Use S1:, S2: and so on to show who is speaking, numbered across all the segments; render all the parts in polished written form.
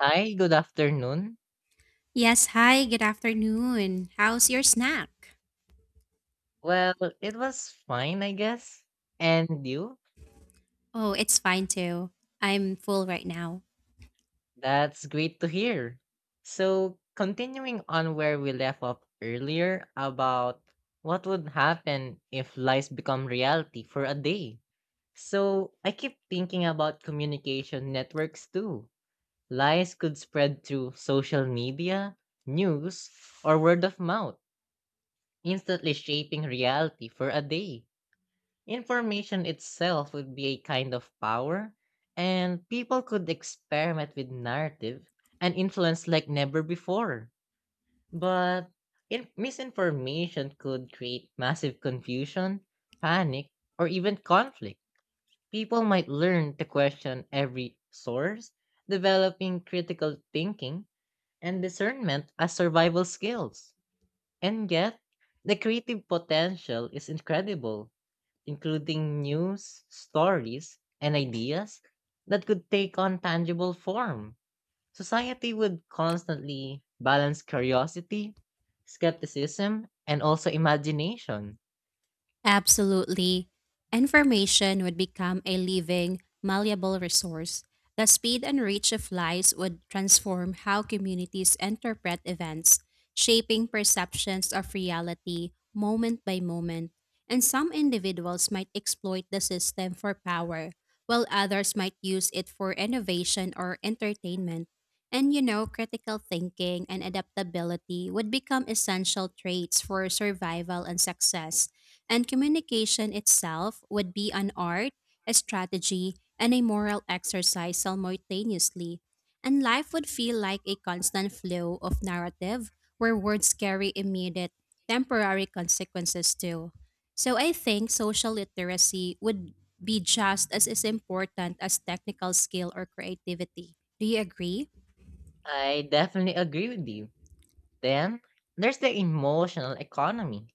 S1: Hi, good afternoon.
S2: Yes, hi, good afternoon. How's your snack?
S1: Well, it was fine, I guess. And you?
S2: Oh, it's fine too. I'm full right now.
S1: That's great to hear. So, continuing on where we left off earlier about what would happen if lies become reality for a day. So, I keep thinking about communication networks too. Lies could spread through social media, news, or word of mouth, instantly shaping reality for a day. Information itself would be a kind of power, and people could experiment with narrative and influence like never before. But misinformation could create massive confusion, panic, or even conflict. People might learn to question every source, developing critical thinking and discernment as survival skills. And yet, the creative potential is incredible, including news, stories, and ideas that could take on tangible form. Society would constantly balance curiosity, skepticism, and also imagination.
S2: Absolutely. Information would become a living, malleable resource. The speed and reach of lies would transform how communities interpret events, shaping perceptions of reality moment by moment. And some individuals might exploit the system for power, while others might use it for innovation or entertainment. And critical thinking and adaptability would become essential traits for survival and success. And communication itself would be an art, a strategy, and a moral exercise simultaneously. And life would feel like a constant flow of narrative where words carry immediate, temporary consequences too. So I think social literacy would be just as important as technical skill or creativity. Do you agree?
S1: I definitely agree with you. Then there's the emotional economy.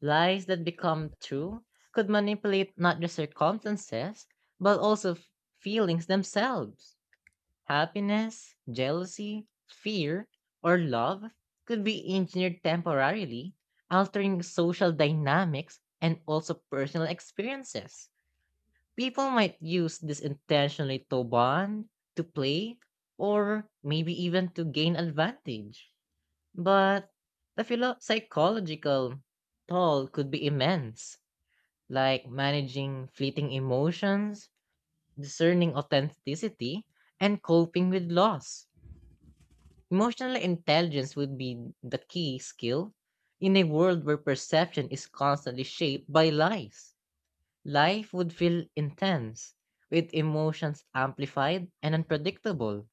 S1: Lies that become true could manipulate not just circumstances, but also feelings themselves. Happiness, jealousy, fear, or love could be engineered temporarily, altering social dynamics and also personal experiences. People might use this intentionally to bond, to play, or maybe even to gain advantage. But the psychological toll could be immense, like managing fleeting emotions, discerning authenticity, and coping with loss. Emotional intelligence would be the key skill in a world where perception is constantly shaped by lies. Life would feel intense, with emotions amplified and unpredictable.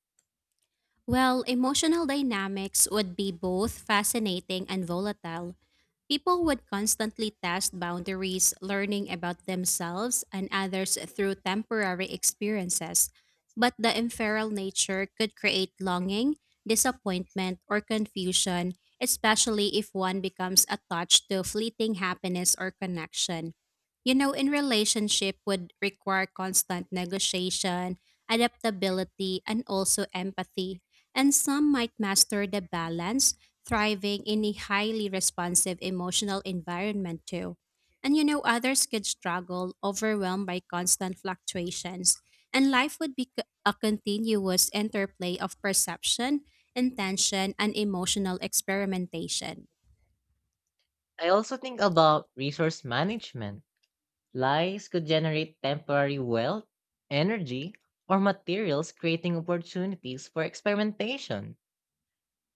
S2: Well, emotional dynamics would be both fascinating and volatile. People would constantly test boundaries, learning about themselves and others through temporary experiences. But the ephemeral nature could create longing, disappointment, or confusion, especially if one becomes attached to fleeting happiness or connection. You know, in relationship would require constant negotiation, adaptability, and also empathy. And some might master the balance thriving in a highly responsive emotional environment too. And others could struggle, overwhelmed by constant fluctuations, and life would be a continuous interplay of perception, intention, and emotional experimentation.
S1: I also think about resource management. Lies could generate temporary wealth, energy, or materials, creating opportunities for experimentation.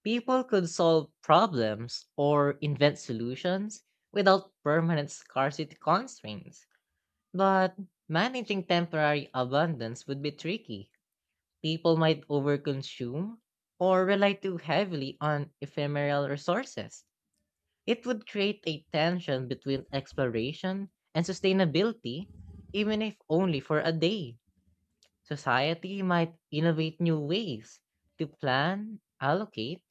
S1: People could solve problems or invent solutions without permanent scarcity constraints. But managing temporary abundance would be tricky. People might overconsume or rely too heavily on ephemeral resources. It would create a tension between exploration and sustainability, even if only for a day. Society might innovate new ways to plan, allocate,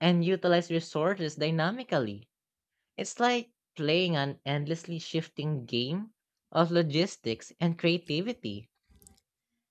S1: and utilize resources dynamically. It's like playing an endlessly shifting game of logistics and creativity.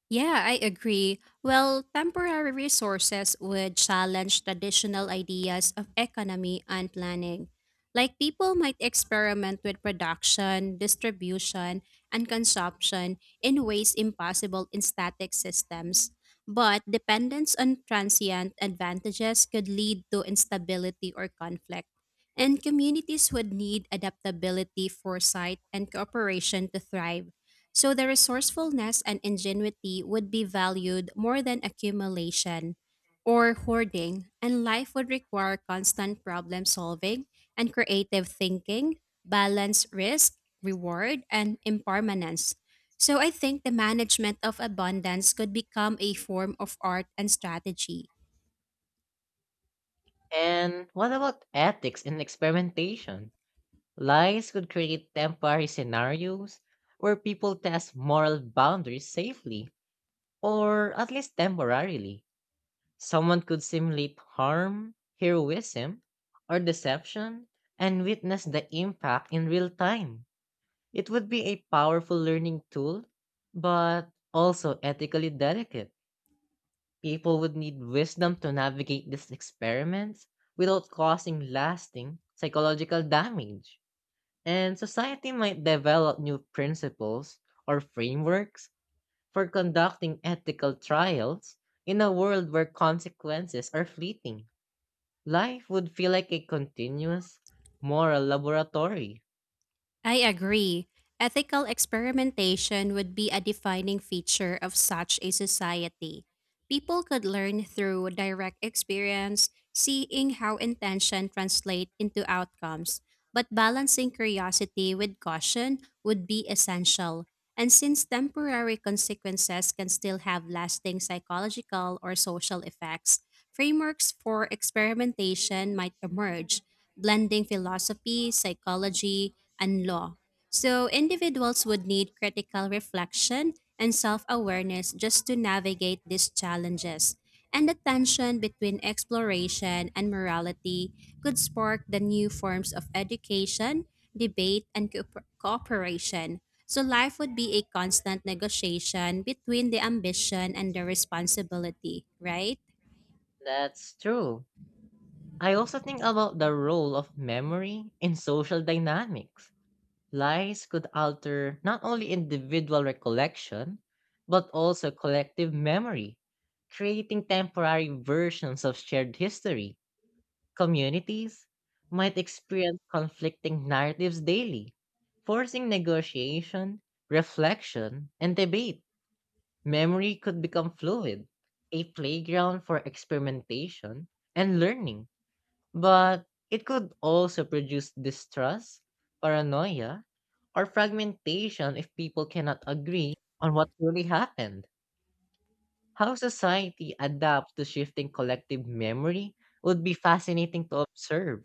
S2: Yeah, I agree. Well, temporary resources would challenge traditional ideas of economy and planning. Like people might experiment with production, distribution, and consumption in ways impossible in static systems. But dependence on transient advantages could lead to instability or conflict. And communities would need adaptability, foresight, and cooperation to thrive, so the resourcefulness and ingenuity would be valued more than accumulation or hoarding, and life would require constant problem solving and creative thinking, balance risk, reward, and impermanence. So I think the management of abundance could become a form of art and strategy.
S1: And what about ethics in experimentation? Lies could create temporary scenarios where people test moral boundaries safely, or at least temporarily. Someone could simulate harm, heroism, or deception and witness the impact in real time. It would be a powerful learning tool, but also ethically delicate. People would need wisdom to navigate these experiments without causing lasting psychological damage. And society might develop new principles or frameworks for conducting ethical trials in a world where consequences are fleeting. Life would feel like a continuous moral laboratory.
S2: I agree. Ethical experimentation would be a defining feature of such a society. People could learn through direct experience, seeing how intention translate into outcomes, but balancing curiosity with caution would be essential. And since temporary consequences can still have lasting psychological or social effects, frameworks for experimentation might emerge, blending philosophy, psychology, and law. So individuals would need critical reflection and self awareness just to navigate these challenges. And the tension between exploration and morality could spark the new forms of education, debate, and cooperation. So life would be a constant negotiation between the ambition and the responsibility, right?
S1: That's true. I also think about the role of memory in social dynamics. Lies could alter not only individual recollection, but also collective memory, creating temporary versions of shared history. Communities might experience conflicting narratives daily, forcing negotiation, reflection, and debate. Memory could become fluid, a playground for experimentation and learning. But it could also produce distrust, paranoia, or fragmentation if people cannot agree on what really happened. How society adapts to shifting collective memory would be fascinating to observe,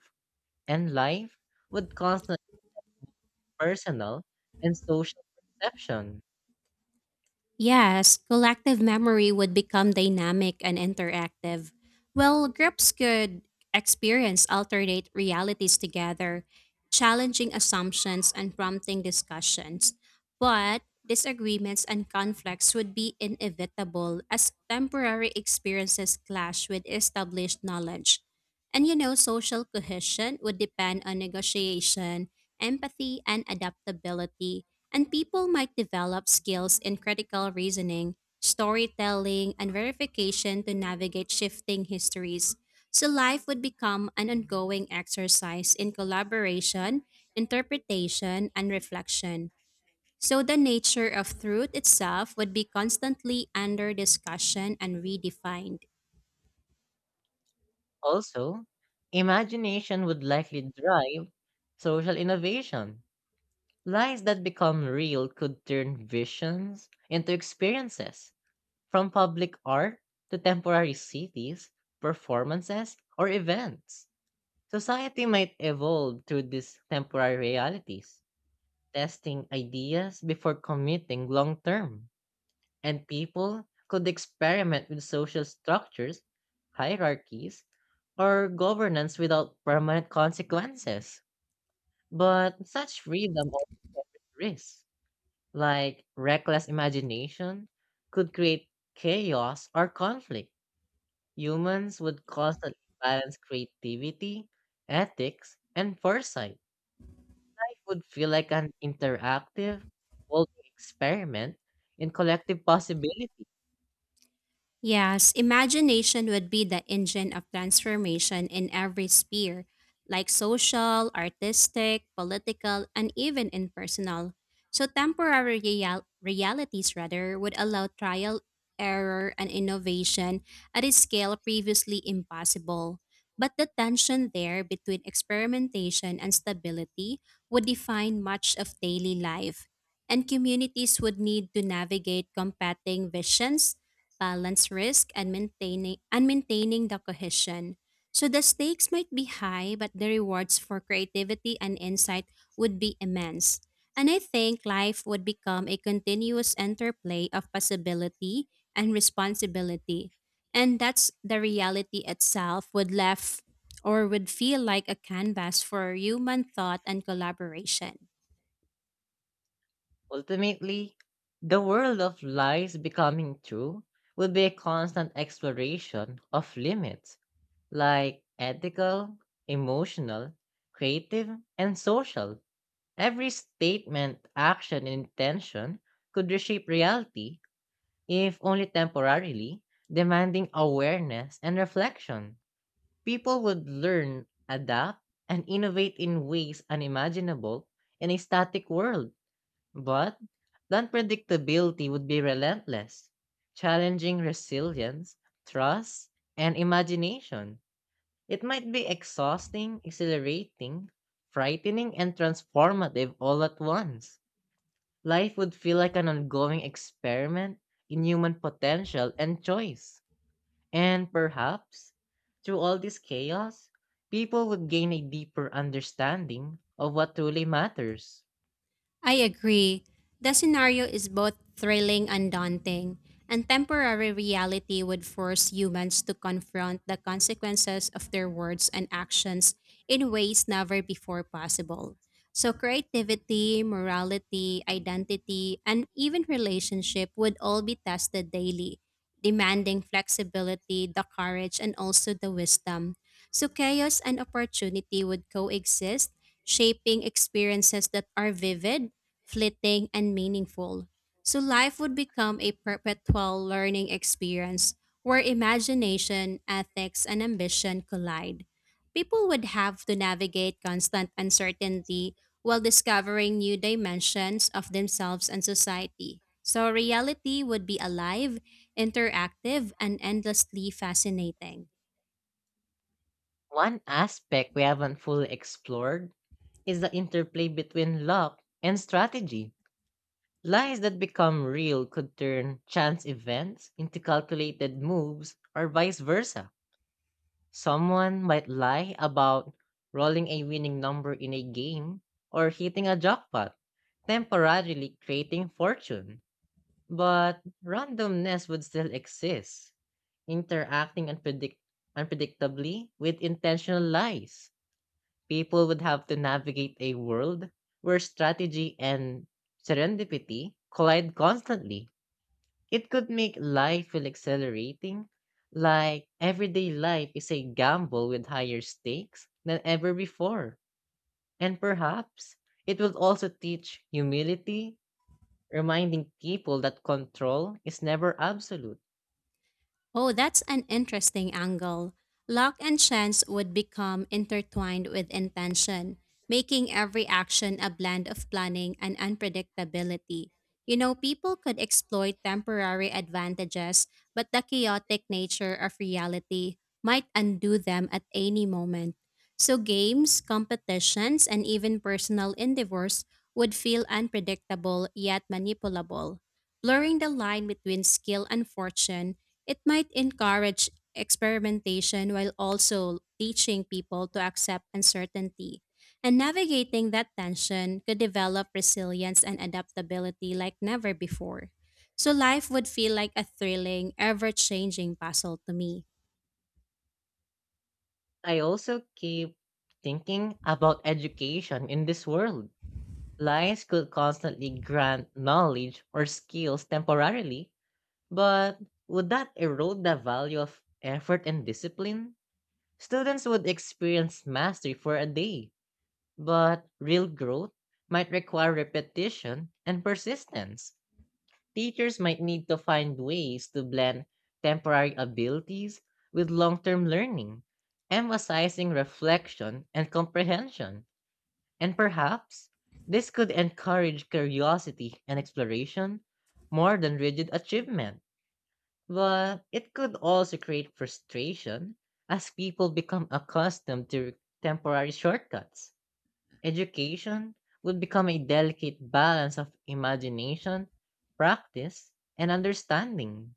S1: and life would constant personal and social perception.
S2: Yes, collective memory would become dynamic and interactive. Well, groups could experience alternate realities together, challenging assumptions and prompting discussions. But disagreements and conflicts would be inevitable as temporary experiences clash with established knowledge. And social cohesion would depend on negotiation, empathy, and adaptability, and people might develop skills in critical reasoning, storytelling, and verification to navigate shifting histories. So life would become an ongoing exercise in collaboration, interpretation, and reflection. So the nature of truth itself would be constantly under discussion and redefined.
S1: Also, imagination would likely drive social innovation. Lies that become real could turn visions into experiences. From public art to temporary cities, performances, or events, society might evolve through these temporary realities, testing ideas before committing long term. And people could experiment with social structures, hierarchies, or governance without permanent consequences. But such freedom also carries risks, like reckless imagination could create chaos or conflict. Humans would constantly balance creativity, ethics, and foresight. Life would feel like an interactive, evolving experiment in collective possibility.
S2: Yes, imagination would be the engine of transformation in every sphere, like social, artistic, political, and even in personal. So, temporary realities, rather, would allow trial, error, and innovation at a scale previously impossible. But the tension there between experimentation and stability would define much of daily life, and communities would need to navigate competing visions balance risk and maintaining the cohesion. So the stakes might be high, but the rewards for creativity and insight would be immense. And I think life would become a continuous interplay of possibility and responsibility. And that's the reality itself would left or would feel like a canvas for human thought and collaboration.
S1: Ultimately, the world of lies becoming true would be a constant exploration of limits, like ethical, emotional, creative, and social. Every statement, action, and intention could reshape reality, if only temporarily, demanding awareness and reflection. People would learn, adapt, and innovate in ways unimaginable in a static world, but the unpredictability would be relentless, challenging resilience, trust, and imagination. It might be exhausting, exhilarating, frightening, and transformative all at once. Life would feel like an ongoing experiment in human potential and choice. And perhaps, through all this chaos, people would gain a deeper understanding of what truly matters.
S2: I agree. The scenario is both thrilling and daunting, and temporary reality would force humans to confront the consequences of their words and actions in ways never before possible. So, creativity, morality, identity, and even relationship would all be tested daily, demanding flexibility, the courage, and also the wisdom. So, chaos and opportunity would coexist, shaping experiences that are vivid, fleeting, and meaningful. So life would become a perpetual learning experience where imagination, ethics, and ambition collide. People would have to navigate constant uncertainty while discovering new dimensions of themselves and society. So reality would be alive, interactive, and endlessly fascinating.
S1: One aspect we haven't fully explored is the interplay between luck and strategy. Lies that become real could turn chance events into calculated moves or vice versa. Someone might lie about rolling a winning number in a game or hitting a jackpot, temporarily creating fortune. But randomness would still exist, interacting unpredictably with intentional lies. People would have to navigate a world where strategy and serendipity collide constantly. It could make life feel accelerating, like everyday life is a gamble with higher stakes than ever before. And perhaps it will also teach humility, reminding people that control is never absolute.
S2: Oh, that's an interesting angle. Luck and chance would become intertwined with intention, making every action a blend of planning and unpredictability. People could exploit temporary advantages, but the chaotic nature of reality might undo them at any moment. So, games, competitions, and even personal endeavors would feel unpredictable yet manipulable, blurring the line between skill and fortune. It might encourage experimentation while also teaching people to accept uncertainty. And navigating that tension could develop resilience and adaptability like never before. So life would feel like a thrilling, ever changing puzzle to me.
S1: I also keep thinking about education in this world. Lies could constantly grant knowledge or skills temporarily, but would that erode the value of effort and discipline? Students would experience mastery for a day, but real growth might require repetition and persistence. Teachers might need to find ways to blend temporary abilities with long term learning, emphasizing reflection and comprehension. And perhaps this could encourage curiosity and exploration more than rigid achievement. But it could also create frustration as people become accustomed to temporary shortcuts. Education would become a delicate balance of imagination, practice, and understanding.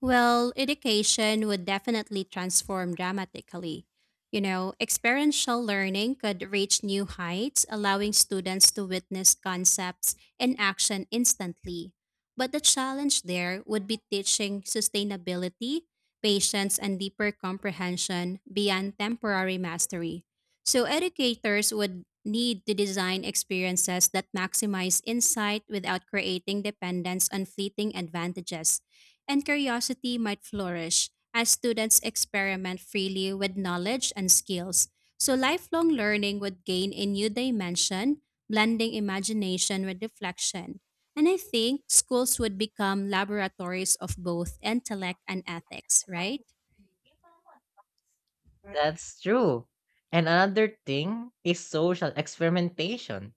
S2: Well, education would definitely transform dramatically. Experiential learning could reach new heights, allowing students to witness concepts in action instantly. But the challenge there would be teaching sustainability, patience, and deeper comprehension beyond temporary mastery. So, educators would need to design experiences that maximize insight without creating dependence on fleeting advantages, and curiosity might flourish as students experiment freely with knowledge and skills. So, lifelong learning would gain a new dimension, blending imagination with reflection. And I think schools would become laboratories of both intellect and ethics, right?
S1: That's true. And another thing is social experimentation.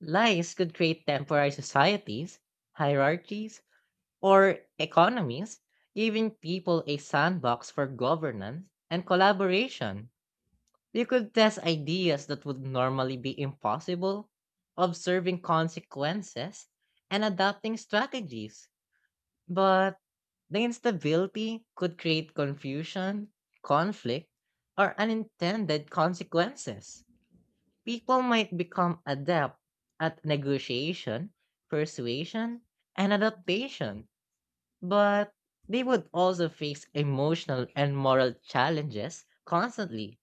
S1: Lies could create temporary societies, hierarchies, or economies, giving people a sandbox for governance and collaboration. You could test ideas that would normally be impossible, observing consequences, and adapting strategies. But the instability could create confusion, conflict, or unintended consequences. People might become adept at negotiation, persuasion, and adaptation, but they would also face emotional and moral challenges constantly.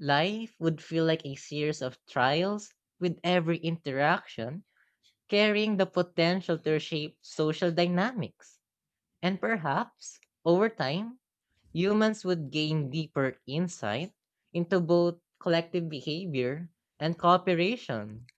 S1: Life would feel like a series of trials, with every interaction carrying the potential to reshape social dynamics. And perhaps, over time, humans would gain deeper insight into both collective behavior and cooperation.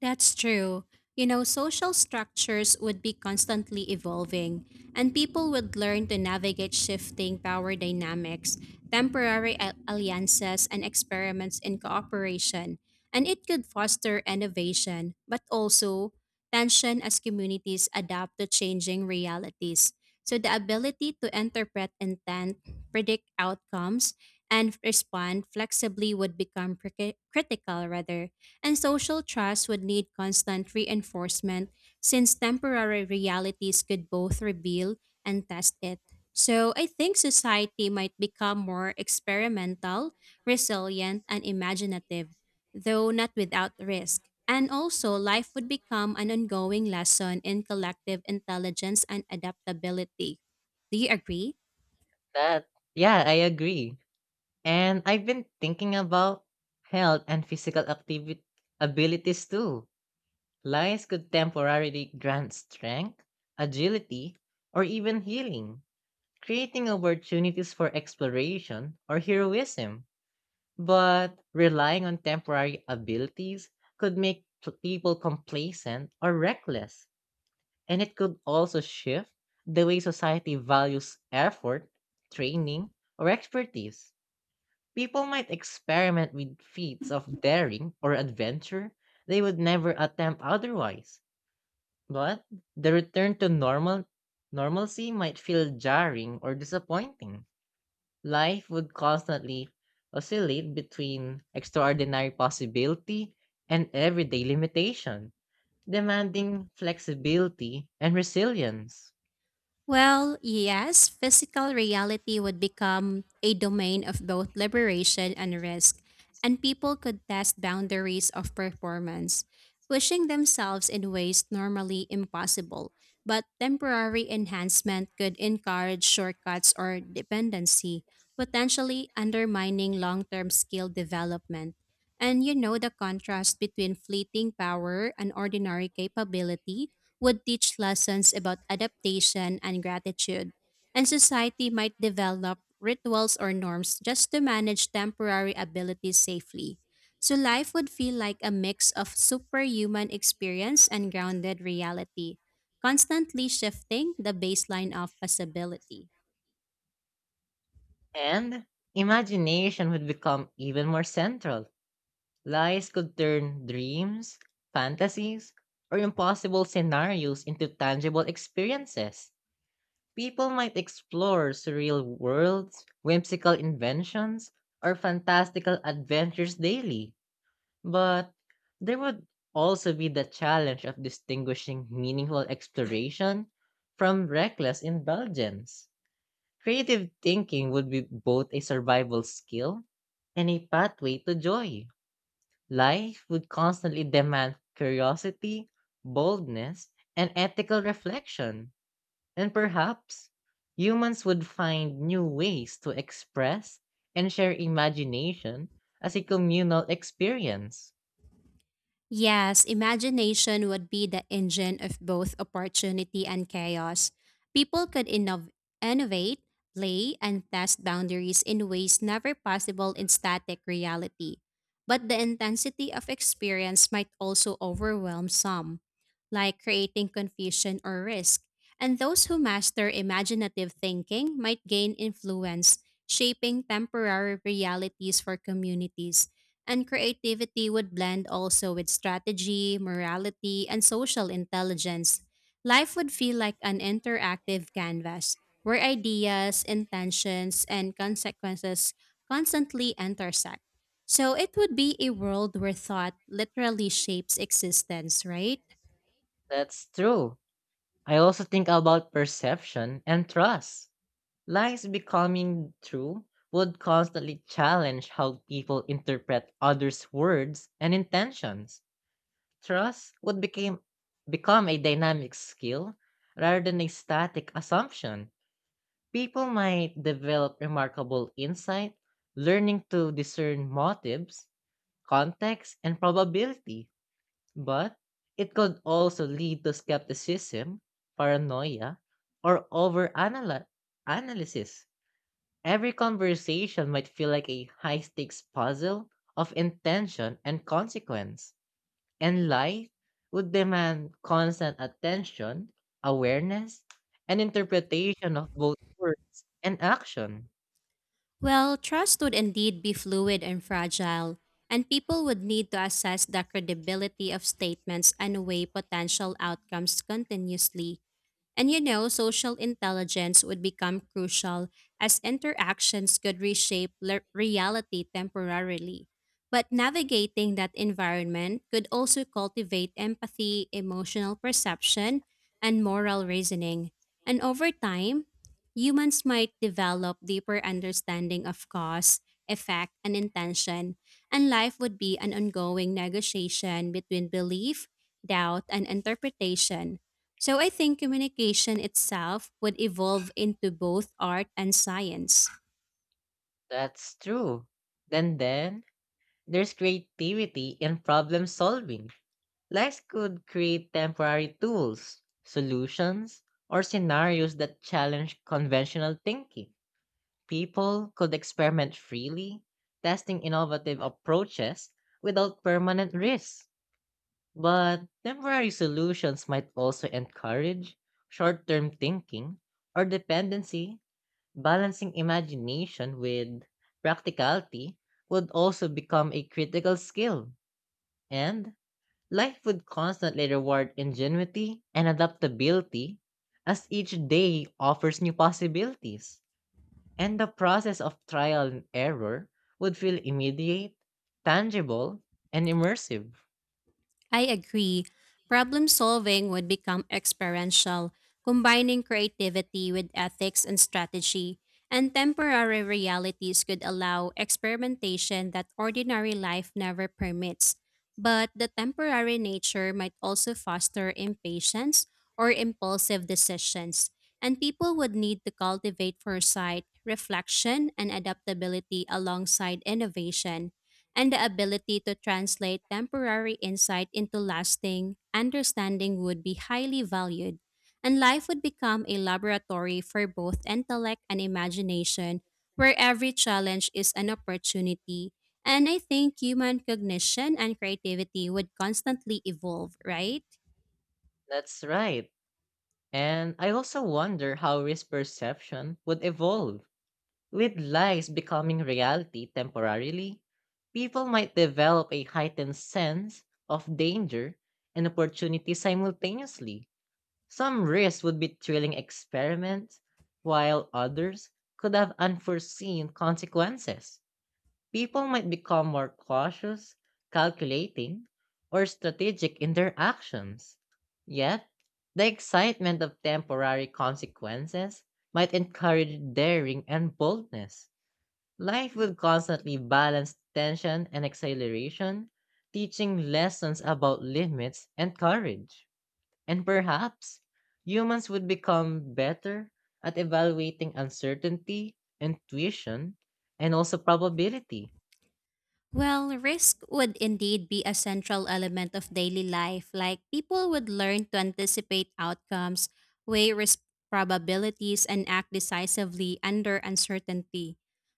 S2: That's true. Social structures would be constantly evolving, and people would learn to navigate shifting power dynamics, temporary alliances, and experiments in cooperation. And it could foster innovation, but also tension as communities adapt to changing realities. So, the ability to interpret intent, predict outcomes, and respond flexibly would become critical, rather, and social trust would need constant reinforcement since temporary realities could both reveal and test it. So I think society might become more experimental, resilient, and imaginative, though not without risk. And also, life would become an ongoing lesson in collective intelligence and adaptability. Do you agree?
S1: That, yeah, I agree. And I've been thinking about health and physical activity abilities too. Lies could temporarily grant strength, agility, or even healing, creating opportunities for exploration or heroism. But relying on temporary abilities could make people complacent or reckless, and it could also shift the way society values effort, training, or expertise. People might experiment with feats of daring or adventure they would never attempt otherwise, but the return to normalcy might feel jarring or disappointing. Life would constantly oscillate between extraordinary possibility and everyday limitation, demanding flexibility and resilience.
S2: Well, yes, physical reality would become a domain of both liberation and risk, and people could test boundaries of performance, pushing themselves in ways normally impossible. But temporary enhancement could encourage shortcuts or dependency, potentially undermining long term skill development. And the contrast between fleeting power and ordinary capability would teach lessons about adaptation and gratitude, and society might develop rituals or norms just to manage temporary abilities safely. So life would feel like a mix of superhuman experience and grounded reality, constantly shifting the baseline of possibility.
S1: And imagination would become even more central. Lies could turn dreams, fantasies, or impossible scenarios into tangible experiences. People might explore surreal worlds, whimsical inventions, or fantastical adventures daily, but there would also be the challenge of distinguishing meaningful exploration from reckless indulgence. Creative thinking would be both a survival skill and a pathway to joy. Life would constantly demand curiosity, boldness, and ethical reflection. And perhaps humans would find new ways to express and share imagination as a communal experience.
S2: Yes, imagination would be the engine of both opportunity and chaos. People could innovate, play, and test boundaries in ways never possible in static reality. But the intensity of experience might also overwhelm some, like creating confusion or risk. And those who master imaginative thinking might gain influence, shaping temporary realities for communities. And creativity would blend also with strategy, morality, and social intelligence. Life would feel like an interactive canvas where ideas, intentions, and consequences constantly intersect. So it would be a world where thought literally shapes existence, right?
S1: That's true. I also think about perception and trust. Lies becoming true would constantly challenge how people interpret others' words and intentions. Trust would become a dynamic skill rather than a static assumption. People might develop remarkable insight, learning to discern motives, context, and probability, but it could also lead to skepticism, paranoia, or over-analysis. Every conversation might feel like a high-stakes puzzle of intention and consequence, and life would demand constant attention, awareness, and interpretation of both words and action.
S2: Well, trust would indeed be fluid and fragile, and people would need to assess the credibility of statements and weigh potential outcomes continuously. And social intelligence would become crucial as interactions could reshape reality temporarily. But navigating that environment could also cultivate empathy, emotional perception, and moral reasoning. And over time, humans might develop deeper understanding of cause, effect, and intention, and life would be an ongoing negotiation between belief, doubt, and interpretation, so I think communication itself would evolve into both art and science.
S1: That's true. Then there's creativity in problem solving. Lex could create temporary tools, solutions, or scenarios that challenge conventional thinking. People could experiment freely, testing innovative approaches without permanent risks. But temporary solutions might also encourage short term thinking or dependency. Balancing imagination with practicality would also become a critical skill, and life would constantly reward ingenuity and adaptability as each day offers new possibilities. And the process of trial and error would feel immediate, tangible, and immersive.
S2: I agree. Problem solving would become experiential, combining creativity with ethics and strategy, and temporary realities could allow experimentation that ordinary life never permits. But the temporary nature might also foster impatience or impulsive decisions, and people would need to cultivate foresight, reflection, and adaptability alongside innovation, and the ability to translate temporary insight into lasting understanding would be highly valued, and life would become a laboratory for both intellect and imagination, where every challenge is an opportunity. And I think human cognition and creativity would constantly evolve, right?
S1: That's right. And I also wonder how risk perception would evolve. With lies becoming reality temporarily, people might develop a heightened sense of danger and opportunity simultaneously. Some risks would be thrilling experiments, while others could have unforeseen consequences. People might become more cautious, calculating, or strategic in their actions. Yet, the excitement of temporary consequences might encourage daring and boldness. Life will constantly balance tension and exhilaration, teaching lessons about limits and courage. And perhaps humans would become better at evaluating uncertainty, intuition, and also probability.
S2: Well, risk would indeed be a central element of daily life. Like people would learn to anticipate outcomes, weigh risk probabilities, and act decisively under uncertainty.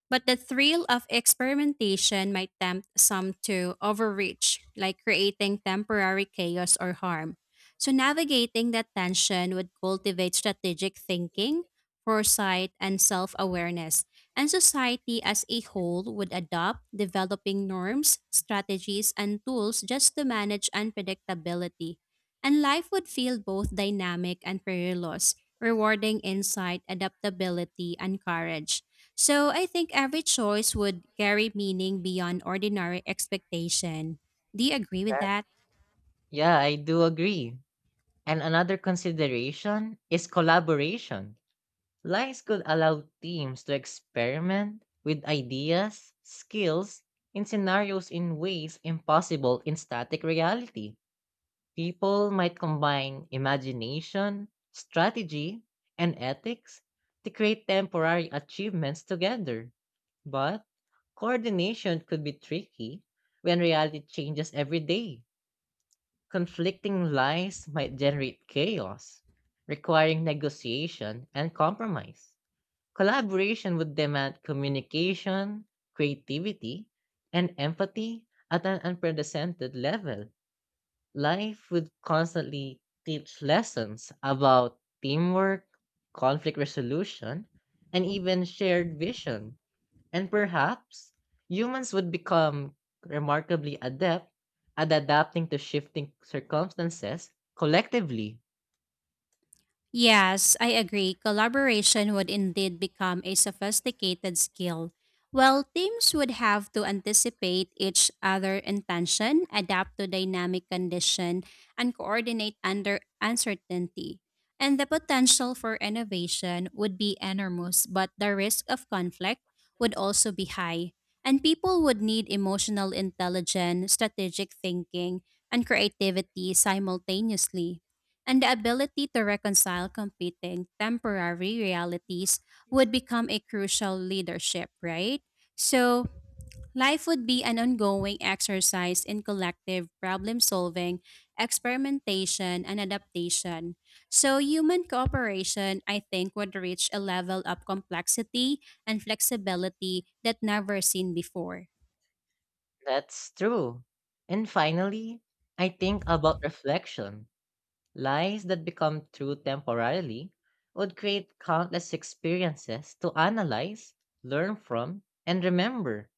S2: But the thrill of experimentation might tempt some to overreach, like creating temporary chaos or harm. So, navigating that tension would cultivate strategic thinking, foresight, and self awareness, and society as a whole would adopt developing norms, strategies, and tools just to manage unpredictability. And life would feel both dynamic and perilous, rewarding insight, adaptability, and courage. So I think every choice would carry meaning beyond ordinary expectation. Do you agree with that?
S1: Yeah, I do agree. And another consideration is collaboration. Lines could allow teams to experiment with ideas, skills, and scenarios in ways impossible in static reality. People might combine imagination, strategy, and ethics to create temporary achievements together. But coordination could be tricky when reality changes every day. Conflicting lies might generate chaos, requiring negotiation and compromise. Collaboration would demand communication, creativity, and empathy at an unprecedented level. Life would constantly teach lessons about teamwork, conflict resolution, and even shared vision. And perhaps humans would become remarkably adept at adapting to shifting circumstances collectively.
S2: Yes, I agree. Collaboration would indeed become a sophisticated skill. Well, teams would have to anticipate each other' intention, adapt to dynamic condition, and coordinate under uncertainty. And the potential for innovation would be enormous, but the risk of conflict would also be high. And people would need emotional intelligence, strategic thinking, and creativity simultaneously, and the ability to reconcile competing temporary realities would become a crucial leadership, right? So, life would be an ongoing exercise in collective problem solving, experimentation, and adaptation. So, human cooperation, I think, would reach a level of complexity and flexibility that never seen before.
S1: That's true. And finally, I think about reflection. Lies that become true temporarily would create countless experiences to analyze, learn from, and remember.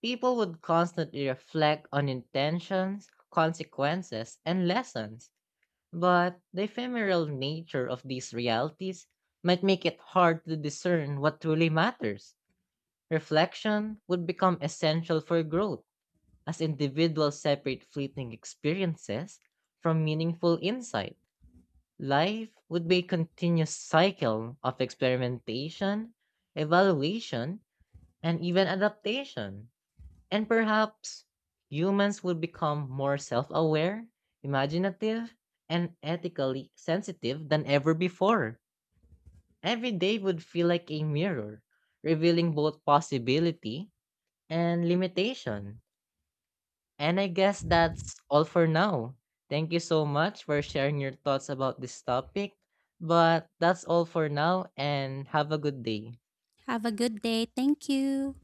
S1: People would constantly reflect on intentions, consequences, and lessons, but the ephemeral nature of these realities might make it hard to discern what truly matters. Reflection would become essential for growth as individuals separate fleeting experiences from meaningful insight. Life would be a continuous cycle of experimentation, evaluation, and even adaptation. And perhaps humans would become more self aware, imaginative, and ethically sensitive than ever before. Every day would feel like a mirror, revealing both possibility and limitation. And I guess that's all for now. Thank you so much for sharing your thoughts about this topic. But that's all for now, and have a good day.
S2: Have a good day. Thank you.